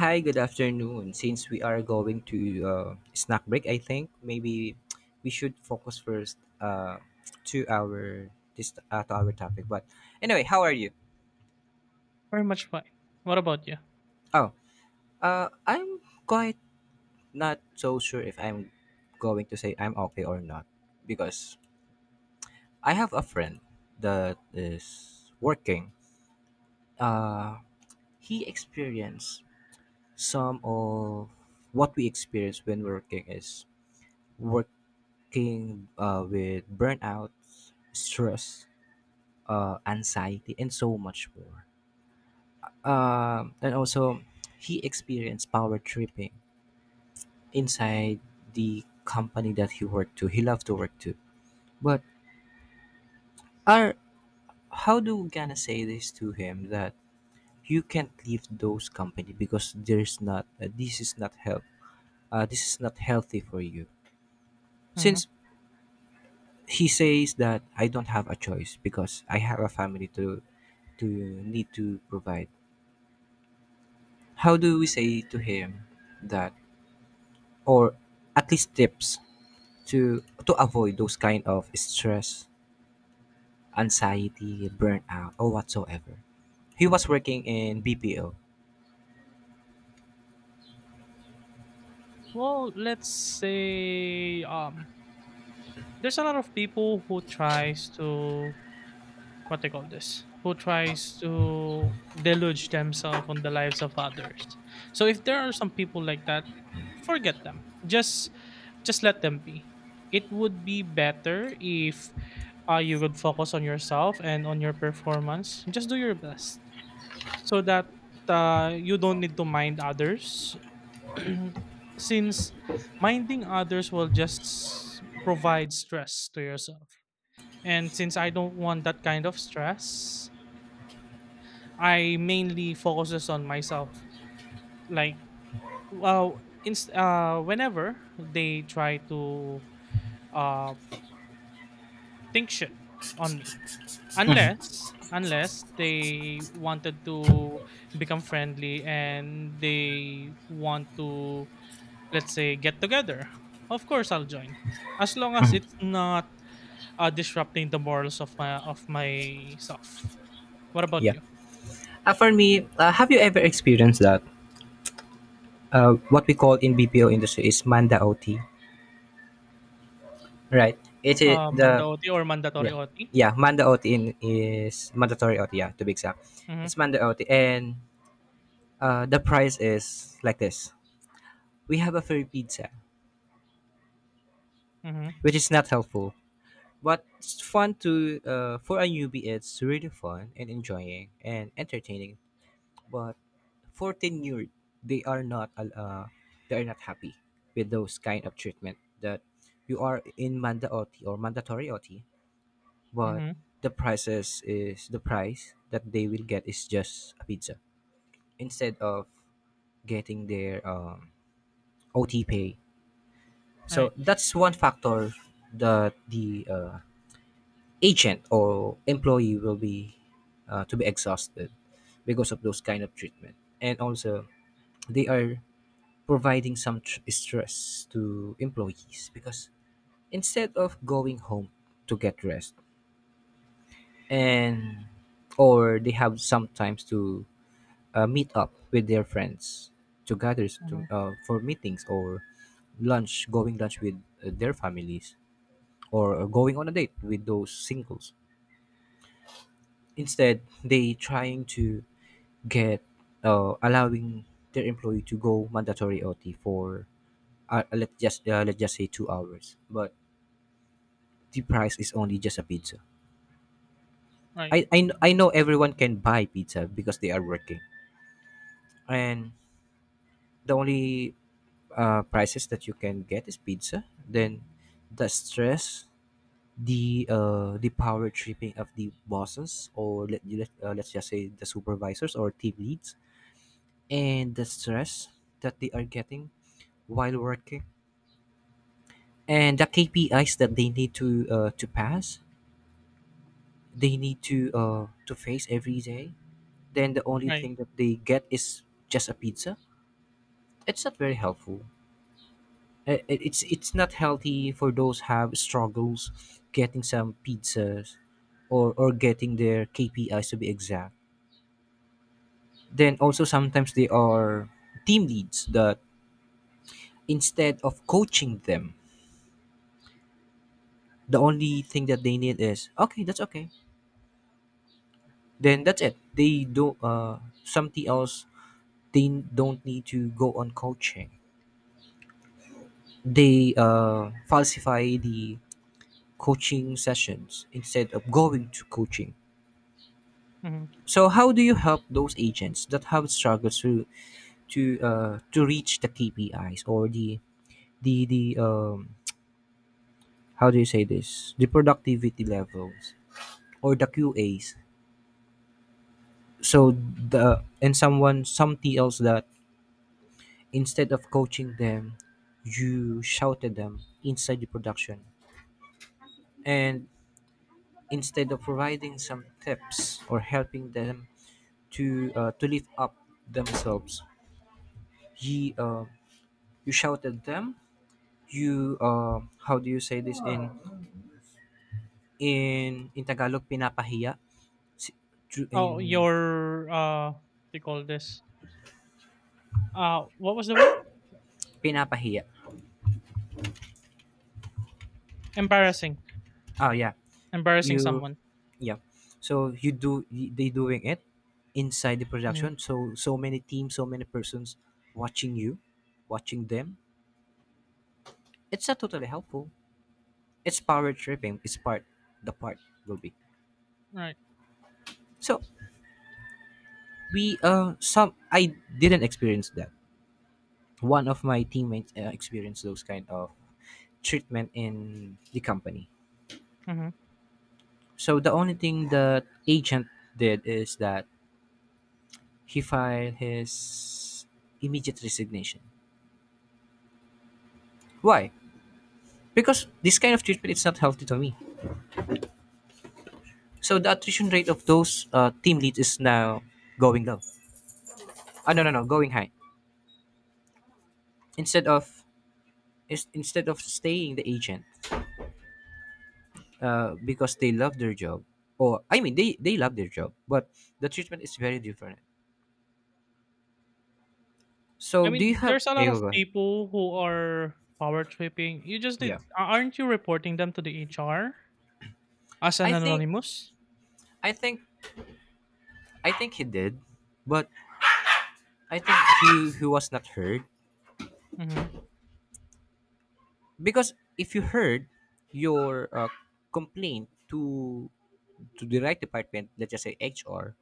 Hi, good afternoon. Since we are going to snack break, I think maybe we should focus first uh, to our to our topic. But anyway, how are you? Pretty much fine. What about you? Oh, I'm quite not so sure if I'm going to say I'm okay or not because I have a friend that is working. Uh, he experienced some of what we experience when working is work king with burnout, stress, anxiety, and so much more. And also, he experienced power tripping inside the company that he worked to. He loved to work to. But are how do we gonna say this to him that you can't leave those company because there's not this is not help. This is not healthy for you. Hmm. Since he says that I don't have a choice because I have a family to need to provide. How do we say to him that or at least tips to avoid those kind of stress, anxiety, burnout or whatsoever. He was working in bpo. Well, let's say there's a lot of people who tries to, what they call this, who tries to deluge themselves on the lives of others. So if there are some people like that, forget them. Just let them be. It would be better if, you would focus on yourself and on your performance. Just do your best so that, you don't need to mind others. Since minding others will just provide stress to yourself. And since I don't want that kind of stress, I mainly focuses on myself. Like, well, whenever they try to, uh, think shit on me, unless they wanted to become friendly and they want to, let's say, get-together, of course I'll join, as long as it's not, disrupting the morals of my of myself. What about Yeah, you? For me, have you ever experienced that what we call in bpo industry is manda ot, right? It is the manda-OT or mandatory yeah. OT? Yeah, manda ot in is mandatory ot, yeah, to be exact. Mhm, It's manda ot. And the price is like this: we have a free pizza, mhm, which is not helpful. But it's fun to for a newbie. It's really fun and enjoying and entertaining. But for tenured, they are not al- uh, they are not happy with those kind of treatment, that you are in mandatory or mandatory OT. But mhm, the price that they will get is just a pizza instead of getting their OT pay. So right, that's one factor that the agent or employee will be to be exhausted because of those kind of treatment. And also, they are providing some stress to employees because instead of going home to get rest, and or they have sometimes to meet up with their friends, to gather to, mhm, for meetings, or lunch with their families, or going on a date with those singles. Instead they trying to get allowing their employee to go mandatory OT for let's just say 2 hours, but the price is only just a pizza. right, I know everyone can buy pizza because they are working, and the only prices that you can get is pizza. Then the stress, the power tripping of the bosses, or let's just say the supervisors or team leads, and the stress that they are getting while working, and the KPIs that they need to pass, they need to face every day. Then the only right, thing that they get is just a pizza. It's not very helpful. It's not healthy for those have struggles getting some pizzas, or getting their KPIs to be exact. Then also sometimes they are team leads that instead of coaching them, the only thing that they need is okay, that's okay. Then that's it. They do something else. They don't need to go on coaching. They falsify the coaching sessions instead of going to coaching. mhm. So how do you help those agents that have struggled to to reach the KPIs, or the how do you say this, the productivity levels, or the QAs? So the and someone some else that instead of coaching them, you shouted them inside the production. And instead of providing some tips or helping them to lift up themselves, he you shouted them. You how do you say this in tagalog, pinapahiya. Si- tru- Oh, in your, what do you call this? What was the word? Pinapahiya. Embarrassing, Oh, yeah. embarrassing you someone. Yeah, so you do they doing it inside the Mhm, production, so so many teams, so many persons watching you, watching them. It's not totally helpful. It's power tripping. It's part the part will be, right, so we some I didn't experience that. One of my teammates experienced those kind of treatment in the company. mhm. So the only thing that agent did is that he filed his immediate resignation. Why? Because this kind of treatment is not healthy to me. So the attrition rate of those team leads is now going low. Ah, no, no, no, going high. Instead of instead of staying the agent because they love their job, or I mean they love their job, but the treatment is very different. So I do you mean, have, there's a yeah, lot go of go ahead. people who are power tripping. You just Yeah, did. A Aren't you reporting them to the HR? As an i think anonymous? i think I think he did, but I think he was not heard. Mhm, Because if you heard your complaint to the right department, let's just say HR,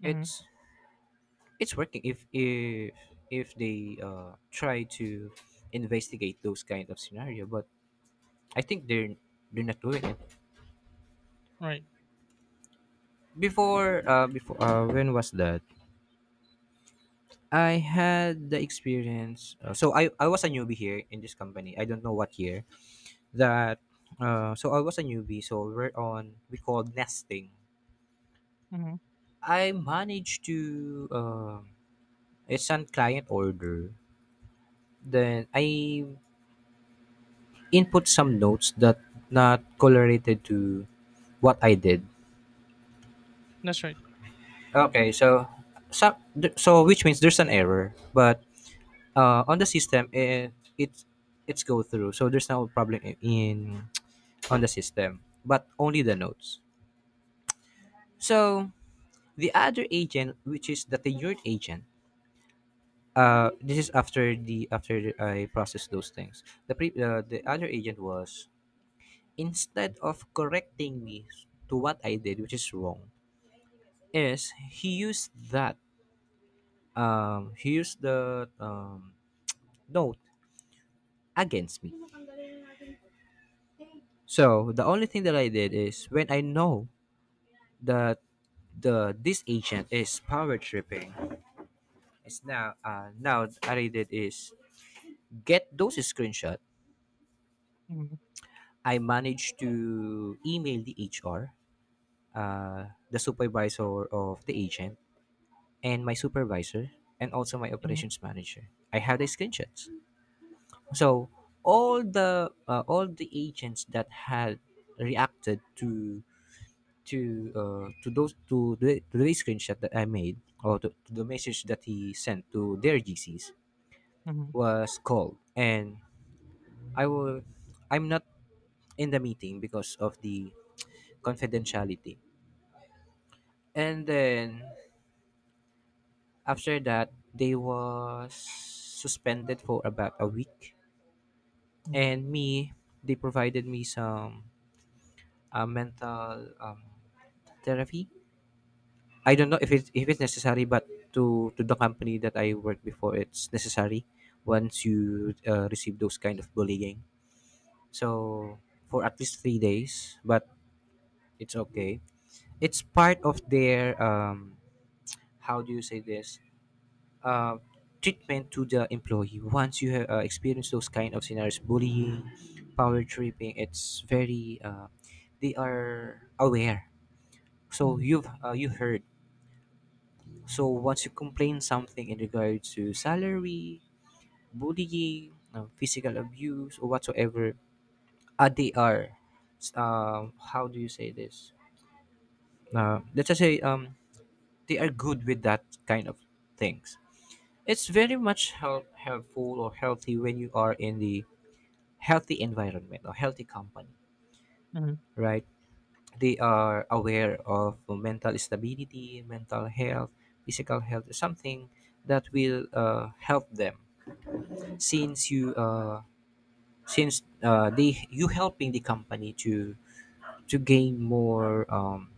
mhm, it's it's working. If they try to investigate those kind of scenario, but I think they're not doing it. right, Before before When was that? I had the experience. So I was a newbie here in this company. I don't know what year that so I was a newbie. So we're on we called nesting. mhm. I managed to it's an client order. Then I input some notes that not correlated to what I did. That's right. Okay, so so, which means there's an error, but on the system it's it's go through, so there's no problem in on the system, but only the nodes. So the other agent, which is the tenured agent, this is after the after I process those things the other agent was instead of correcting me to what I did which is wrong, is he used that he used the note against me. So the only thing that I did is when I know that the this agent is power tripping. It's now now what I did is get those screenshot. Mhm, I managed to email the HR, the supervisor of the agent, and my supervisor, and also my mhm, operations manager. I have the screenshots. So all the agents that had reacted to to those to the screenshot that I made, or to the message that he sent to their GCs mhm, was called. And I will I'm not in the meeting because of the confidentiality. And then after that they was suspended for about a week, mhm, and me, they provided me some mental therapy. I mhm, don't know if it's necessary, but to the company that I worked before, it's necessary once you receive those kind of bullying. So for at least 3 days, but it's okay. It's part of their how do you say this, uh, treatment to the employee. Once you have experienced those kind of scenarios, bullying, power tripping, it's very they are aware. So mhm, you've you heard. So once you complain something in regard to salary, bullying, physical abuse, or whatsoever, they are, how do you say this? Let's just say, they are good with that kind of things. It's very much help, helpful or healthy when you are in the healthy environment or healthy company, mhm, right? They are aware of mental stability, mental health, physical health, something that will help them since you since they you helping the company to gain more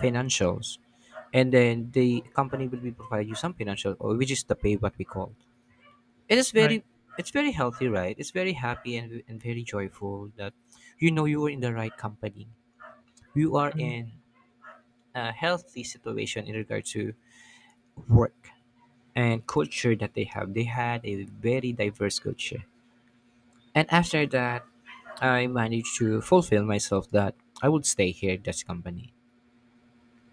financials. And then the company will be provide you some financial, or which is the pay what we call. It is right, very it's very healthy, right? It's very happy, and very joyful that you know you are in the right company, you are mhm, in a healthy situation in regard to work and culture that they have. They had a very diverse culture. And after that, I managed to fulfill myself that I would stay here at Dutch company.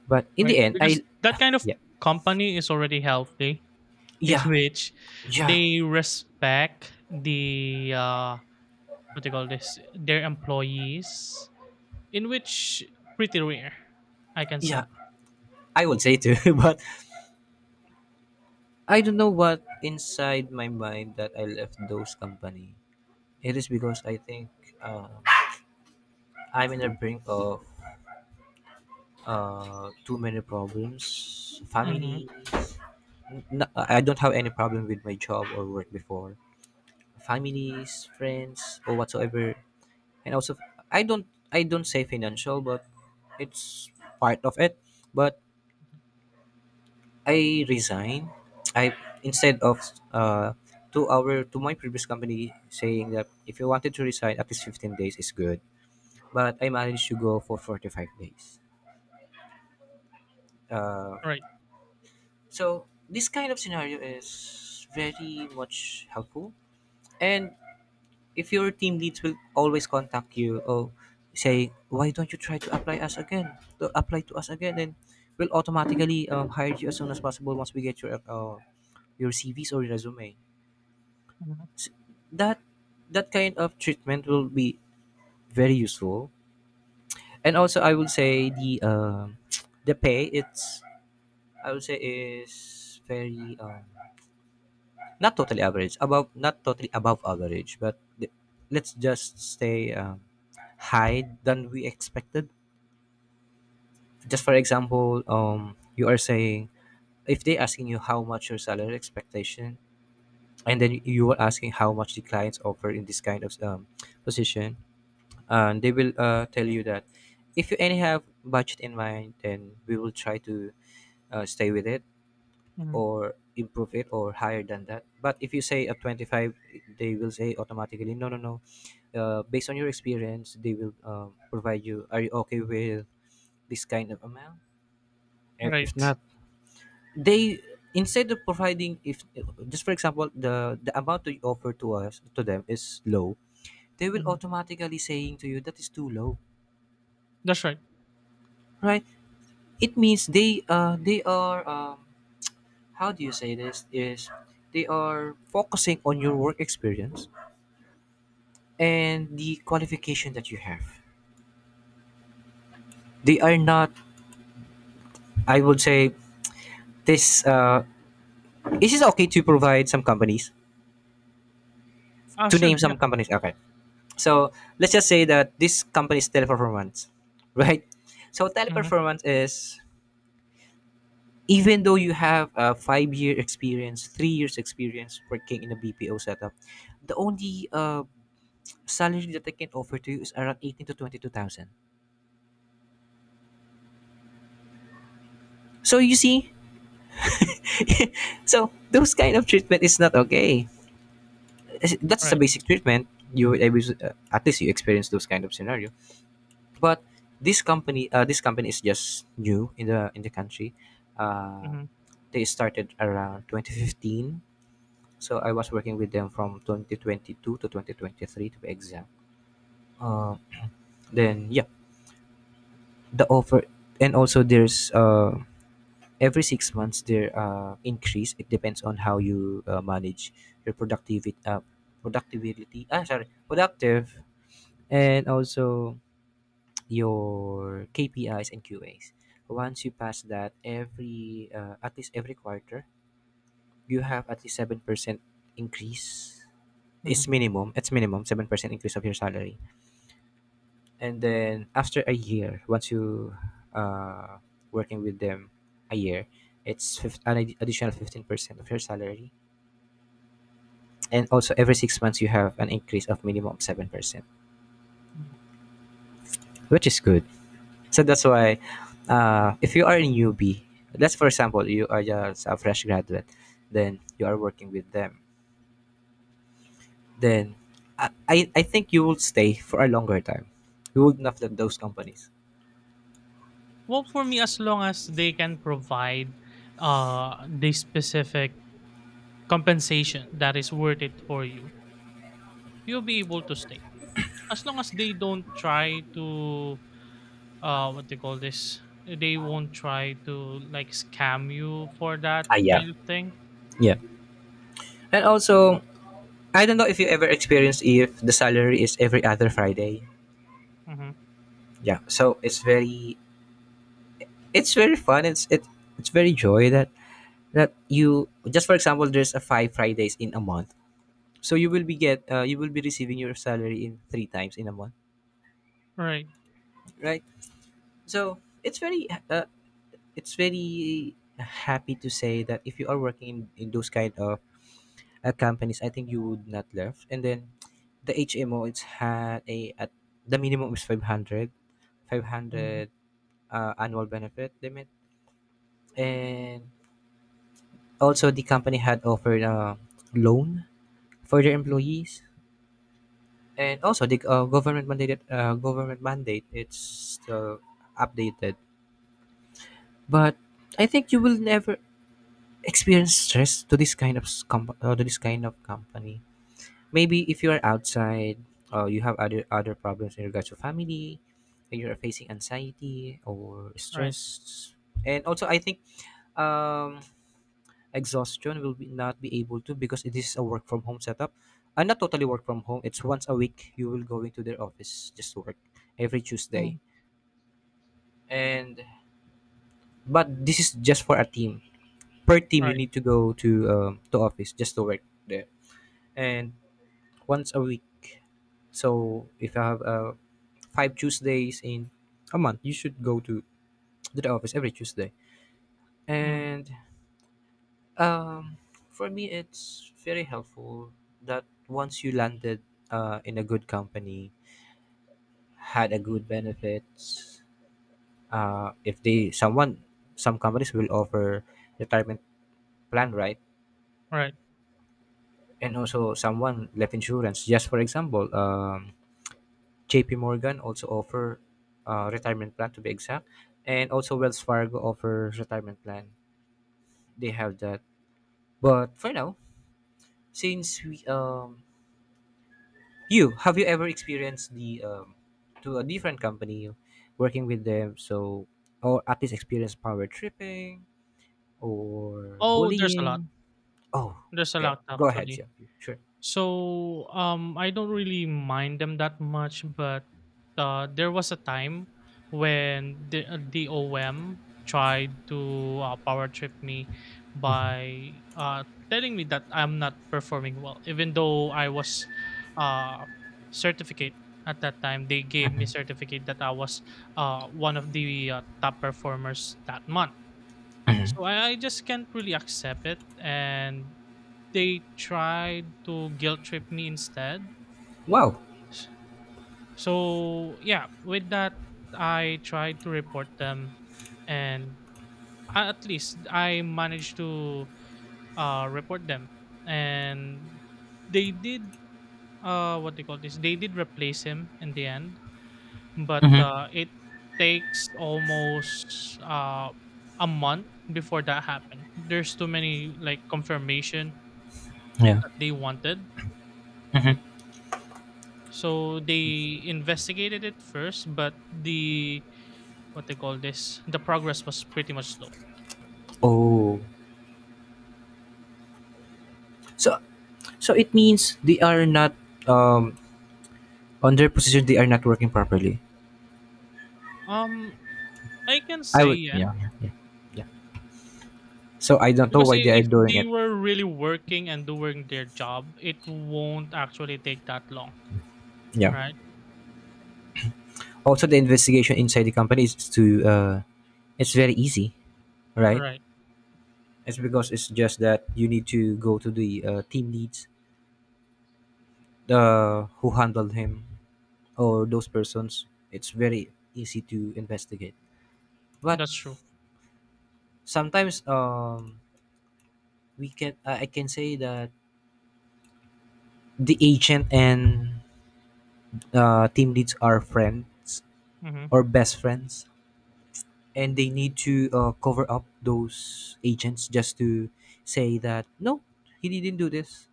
But in the right, end, because I that kind of yeah. company is already healthy, in yeah which yeah they respect the, what do you call this, their employees, in which pretty rare, I can say. yeah I would say too, but I don't know what inside my mind that I left those company. It is because I think uh, I'm in the brink of too many problems. Mhm, Family, I don't have any problem with my job or work before. Families, friends, or whatsoever. And also, i don't I don't say financial, but it's part of it. But I resign. I instead of uh to our to my previous company, saying that if you wanted to resign, at least 15 days is good, but I managed to go for 45 days. uh right, so this kind of scenario is very much helpful. And if your team leads will always contact you, or say, why don't you try to apply us again, to apply to us again, then we'll automatically hire you as soon as possible once we get your cvs or your resume. mhm, S that that kind of treatment will be very useful. And also, I will say the the pay, it's, I would say, is very not totally average, above, not totally above average, but let's just stay high than we expected. Just for example, you are saying, if they asking you how much your salary expectation, and then you are asking how much the clients offer in this kind of position, and they will tell you that if you any have budget in mind, then we will try to stay with it. mhm, Or improve it, or higher than that. But if you say at 25, they will say automatically, no, no, no, based on your experience, they will provide, you are you okay with this kind of amount? If right, not, they, instead of providing, if just for example, the amount they offer to us, to them, is low, they will mhm, automatically saying to you that is too low. that's right. Right, it means they are, um, how do you say this, is they are focusing on your work experience and the qualification that you have. They are not, I would say, this. Is it okay to provide some companies, Ah, to sure, name yeah, some companies? Okay, so let's just say that this company is Teleperformance, right? So mhm. Teleperformance is, even though you have a five-year experience, 3 years experience working in a BPO setup, the only salary that they can offer to you is around eighteen to twenty-two thousand. So you see, so those kind of treatment is not okay. That's a Right. basic treatment. You will able to- at least you experience those kind of scenario. But this company, this company is just new in the country. uh, Mhm, they started around 2015. So I was working with them from 2022 to 2023, to be exact. uh, then, yeah, the offer. And also there's every 6 months there increase. It depends on how you manage your productivity, productivity ah sorry productive. And also your KPIs and QAs. Once you pass that, every at least every quarter, you have at least 7% increase. It's mhm, minimum. It's minimum 7% increase of your salary. And then after a year, once you uh, working with them a year, it's additional 15% of your salary. And also every 6 months you have an increase of minimum 7%, mhm. which is good. So that's why, if you are a newbie, let's for example, you are just a fresh graduate, then you are working with them, then I think you will stay for a longer time. You would not let those companies. Well, for me, as long as they can provide, uh, the specific compensation that is worth it for you, you'll be able to stay. As long as they don't try to, uh, what they call this, they won't try to like scam you for Ah, that yeah. kind of thing. Yeah. And also, I don't know if you ever experienced if the salary is every other Friday. Mm-hmm. Yeah. So it's very fun. It's very joy that, that you, just for example, there's a five Fridays in a month, so you will be get, you will be receiving your salary in three times in a month. Right. Right. So it's very uh, it's very happy to say that if you are working in those kind of companies, I think you would not left. And then the hmo, it's had a at the minimum is 500, five Mm-hmm. hundred annual benefit limit. And also the company had offered a loan for their Mm-hmm. employees. And also the government mandated, government mandate, it's still updated. But I think you will never experience stress to this kind of s- comp- to this kind of company, maybe if you are outside or you have other problems in regards to family, and you're facing anxiety or Right. stress. And also, I think um exhaustion will be not be able to, because it is a work from home setup. And not totally work from home, it's once a week you will go into their office just to work, every Tuesday. Mhm. And but this is just for a team. Per team, you Right. need to go to office just to work there. And once a week. So if you have five Tuesdays in a month, you should go to the office every Tuesday. Mhm. And Um, for me, it's very helpful that once you landed in a good company, had a good benefits. If they someone, some companies will offer retirement plan, right? Right. And also someone life insurance. Just for example, J.P. Morgan also offer retirement plan, to be exact. And also Wells Fargo offer retirement plan. They have that. But for now, since we, you have, you ever experienced the, to a different company working with them, so, or at least experience power tripping or Oh, there's a lot. bullying? Oh, There's a okay. lot Go ahead, actually. yeah. Sure. So I don't really mind them that much, but there was a time when the OM tried to, power trip me by, telling me that I'm not performing well, even though I was, uh, certificate at that time. They gave me certificate that I was one of the top performers that month. So Hmm. I just can't really accept it, and they tried to guilt trip me instead. Wow. S- So yeah, with that, I tried to report them, and at least I managed to, report them, and they did, uh, what they call this. They did replace him in the end, but Hmm. It takes almost a month before that happened. There's too many like confirmation Yeah. that they wanted. Hmm. So they investigated it first, but the, what they call this, the progress was pretty much slow. Oh. So, so it means they are not, um on their position they are not working properly. Um, I can I say would, yeah, yeah. Yeah. Yeah. Yeah. So I don't know because why they are if doing they it. were really working and doing their job, it won't actually take that long, Yeah. right? Also the investigation inside the company is to it's very easy. Right? Right, It's because it's just that you need to go to the team leads, the who handled him, or those persons. It's very easy to investigate. But that's true. sometimes, we can, I can say that the agent and team leads are friends Mm-hmm. or best friends, and they need to cover up those agents, just to say that no, he didn't do this,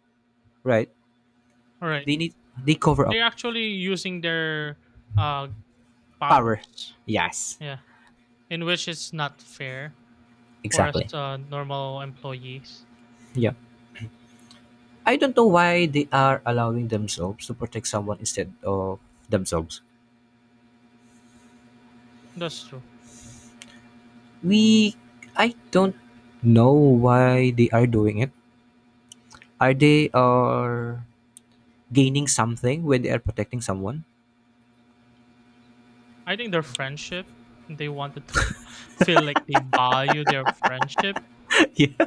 right? All right, They need, they cover up, they're actually using their, uh, power. powers, Yes, yeah, in which it's not fair for us, exactly. Normal employees. Yeah. I don't know why they are allowing themselves to protect someone instead of themselves. That's true. We, I don't know why they are doing it. Are they, are gaining something when they are protecting someone? I think their friendship, they wanted to feel like they value their friendship, yeah.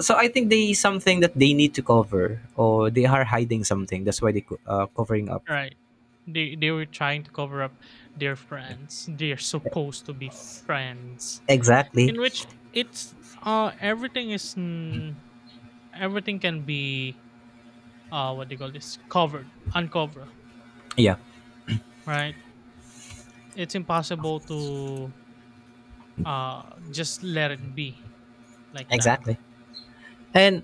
So I think they something that they need to cover, or they are hiding something. That's why they covering up. right? They were trying to cover up their friends. They're supposed to be friends, Exactly. in which it's, uh, everything is, mm, everything can be, uh, what do you call this, covered, uncover, Yeah. right? It's impossible to, uh, just let it be like that. Exactly. And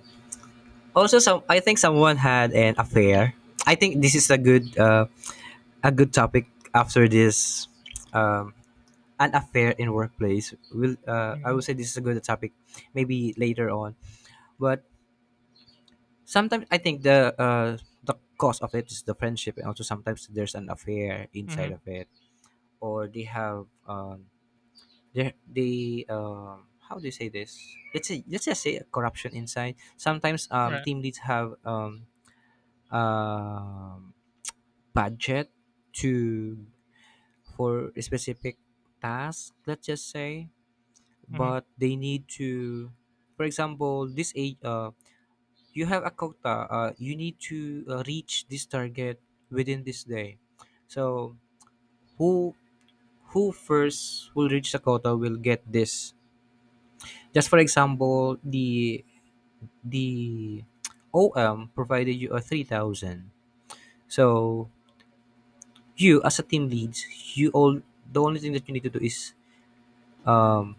also, some, I think someone had an affair. I think this is a good topic after this, um, an affair in workplace. Will, I will Mm-hmm. say this is a good topic maybe later on. But sometimes I think the cause of it is the friendship, and also sometimes there's an affair inside of Hmm. it, or they have, they how do you say this? Let's say, let's just say, a corruption inside. Sometimes, Right. team leads have, um, budget to, for a specific task, let's just say. Mm-hmm. But they need to, for example, this age, you have a quota, you need to reach this target within this day. So who who first will reach the quota will get this, just for example, the om provided you a 3000. So you, as a team leads, you all, the only thing that you need to do is, um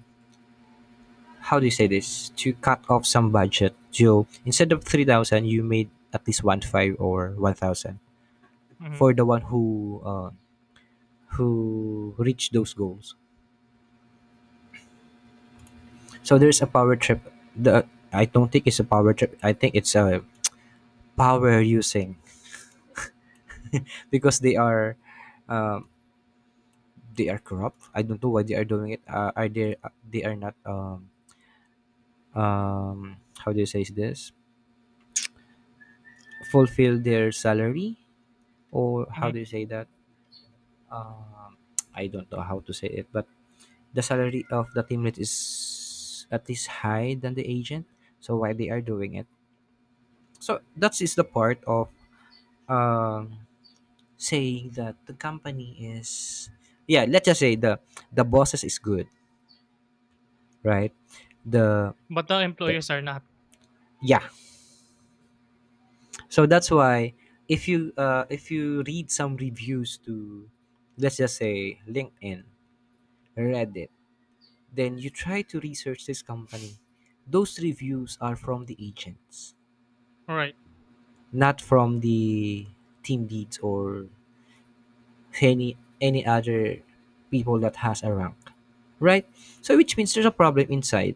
how do you say this, to cut off some budget. So instead of 3,000, you made at least one five, or 1,000, Mm-hmm. for the one who reached those goals. So there's a power trip. The, I don't think it's a power trip. I think it's a power using, because they are, um, they are corrupt. I don't know why they are doing it. Are they are not, how do you say this, fulfill their salary, or how Hmm. do you say that, um, I don't know how to say it. But the salary of the team lead is at least high than the agent. So why they are doing it? So that is the part of, um, saying that the company is, yeah, let's just say the bosses is good, right? the, But the the, employers are not. yeah. So that's why if you read some reviews to, let's just say, LinkedIn, Reddit. Then you try to research this company. Those reviews are from the agents, Right. not from the team leads, or any other people that has a rank. Right? So which means there's a problem inside,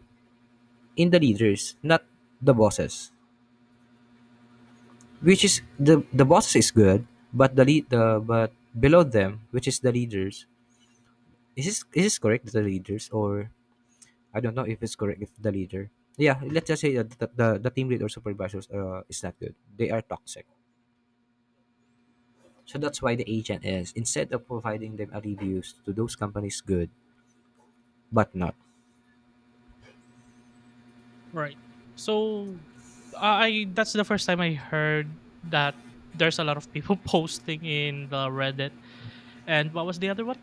in the leaders, not the bosses. Which is the bosses is good, but the lead the but below them, which is the leaders, is, this is this correct, the leaders, or I don't know if it's correct, if the leader. Yeah, let's just say that the team lead or supervisors, is not good. They are toxic. So that's why the agent is, instead of providing them a reviews to those companies, good, but not. Right. So I that's the first time I heard that there's a lot of people posting in the Reddit. And what was the other one?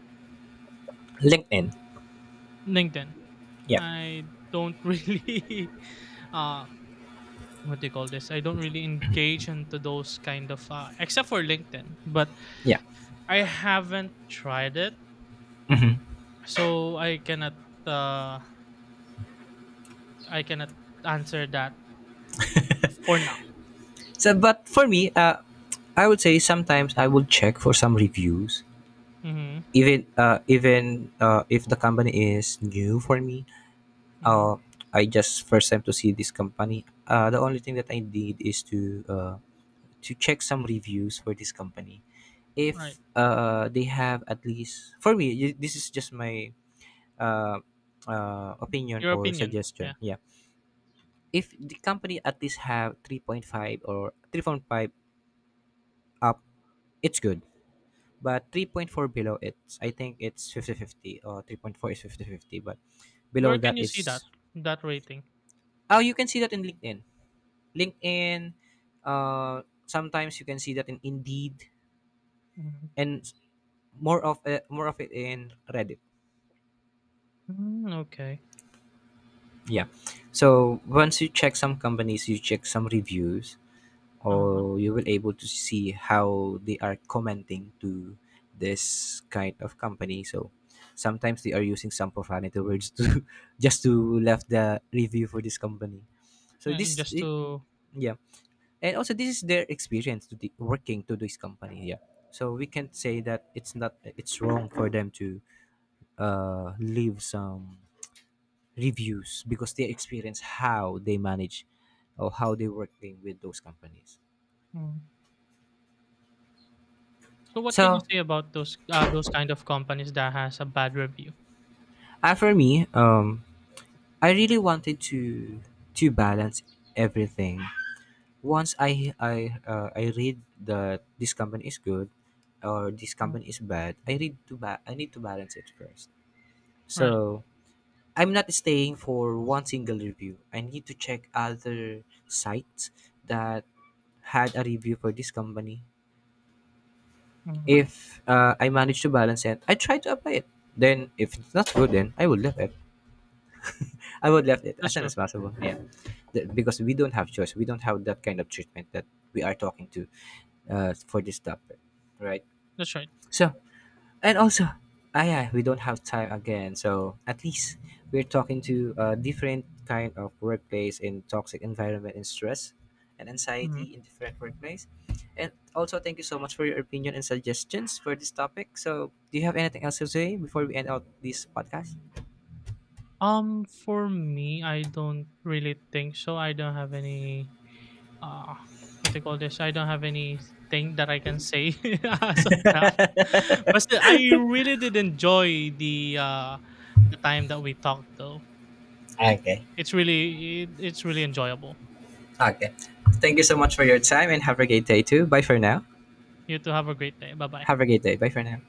LinkedIn. LinkedIn. Yeah. I don't really uh, what do you call this? I don't really engage into those kind of, except for LinkedIn, but Yeah. I haven't tried it. So I cannot, uh I cannot answer that for now. So but for me, I would say sometimes I will check for some reviews, Mhm. even if the company is new for me. Mhm. Uh, I just first time to see this company. The only thing that I did is uh, to check some reviews for this company. Right. If, they have at least, for me, this is just my, uh, opinion Your or opinion. Yeah. suggestion. Yeah, if the company at least have 3.5, or 3.5 up, it's good. But 3.4 below, it's, I think it's 50 50. 50 or 3.4 is 50 50. But below Where can that you see is, that that rating? oh, you can see that in LinkedIn. LinkedIn, sometimes you can see that in Indeed, Mm-hmm. and more of, more of it in Reddit. Mm, okay. Yeah. So once you check some companies, you check some reviews, Uh-huh. or you will able to see how they are commenting to this kind of company. So sometimes they are using some profanity words to just to left the review for this company. So this Just it, to yeah. And also this is their experience to the, working to this company, yeah. So we can't say that it's not, it's wrong for them to leave some reviews, because they experience how they manage, or how they working with those companies. mm. So what can you So, say about those, those kind of companies that has a bad review? For me, I really wanted to balance everything. Once I read that this company is good, or this Mm, company is bad, I need to balance it first. right. So I'm not staying for one single review. I need to check other sites that had a review for this company. Mhm. If, I manage to balance it, I try to apply it. Then if it's not good, then I will leave it. I would leave it as That's soon as true. possible. Yeah. Because we don't have choice. We don't have that kind of treatment that we are talking to, for this topic, right? That's right. So, and also, ah, yeah, we don't have time again. So at least we're talking to a different kind of workplace in toxic environment, and stress and anxiety Mhm. in different workplace. And also, thank you so much for your opinion and suggestions for this topic. So, do you have anything else to say before we end out this podcast? For me, I don't really think so. I don't have any, uh, what they call this. I don't have anything that I can say as of now. But still, I really did enjoy the, the time that we talked though. Okay. It's really it's really enjoyable. Okay. Thank you so much for your time and have a great day too. Bye for now. You to have a great day. Bye bye. Have a great day. Bye for now.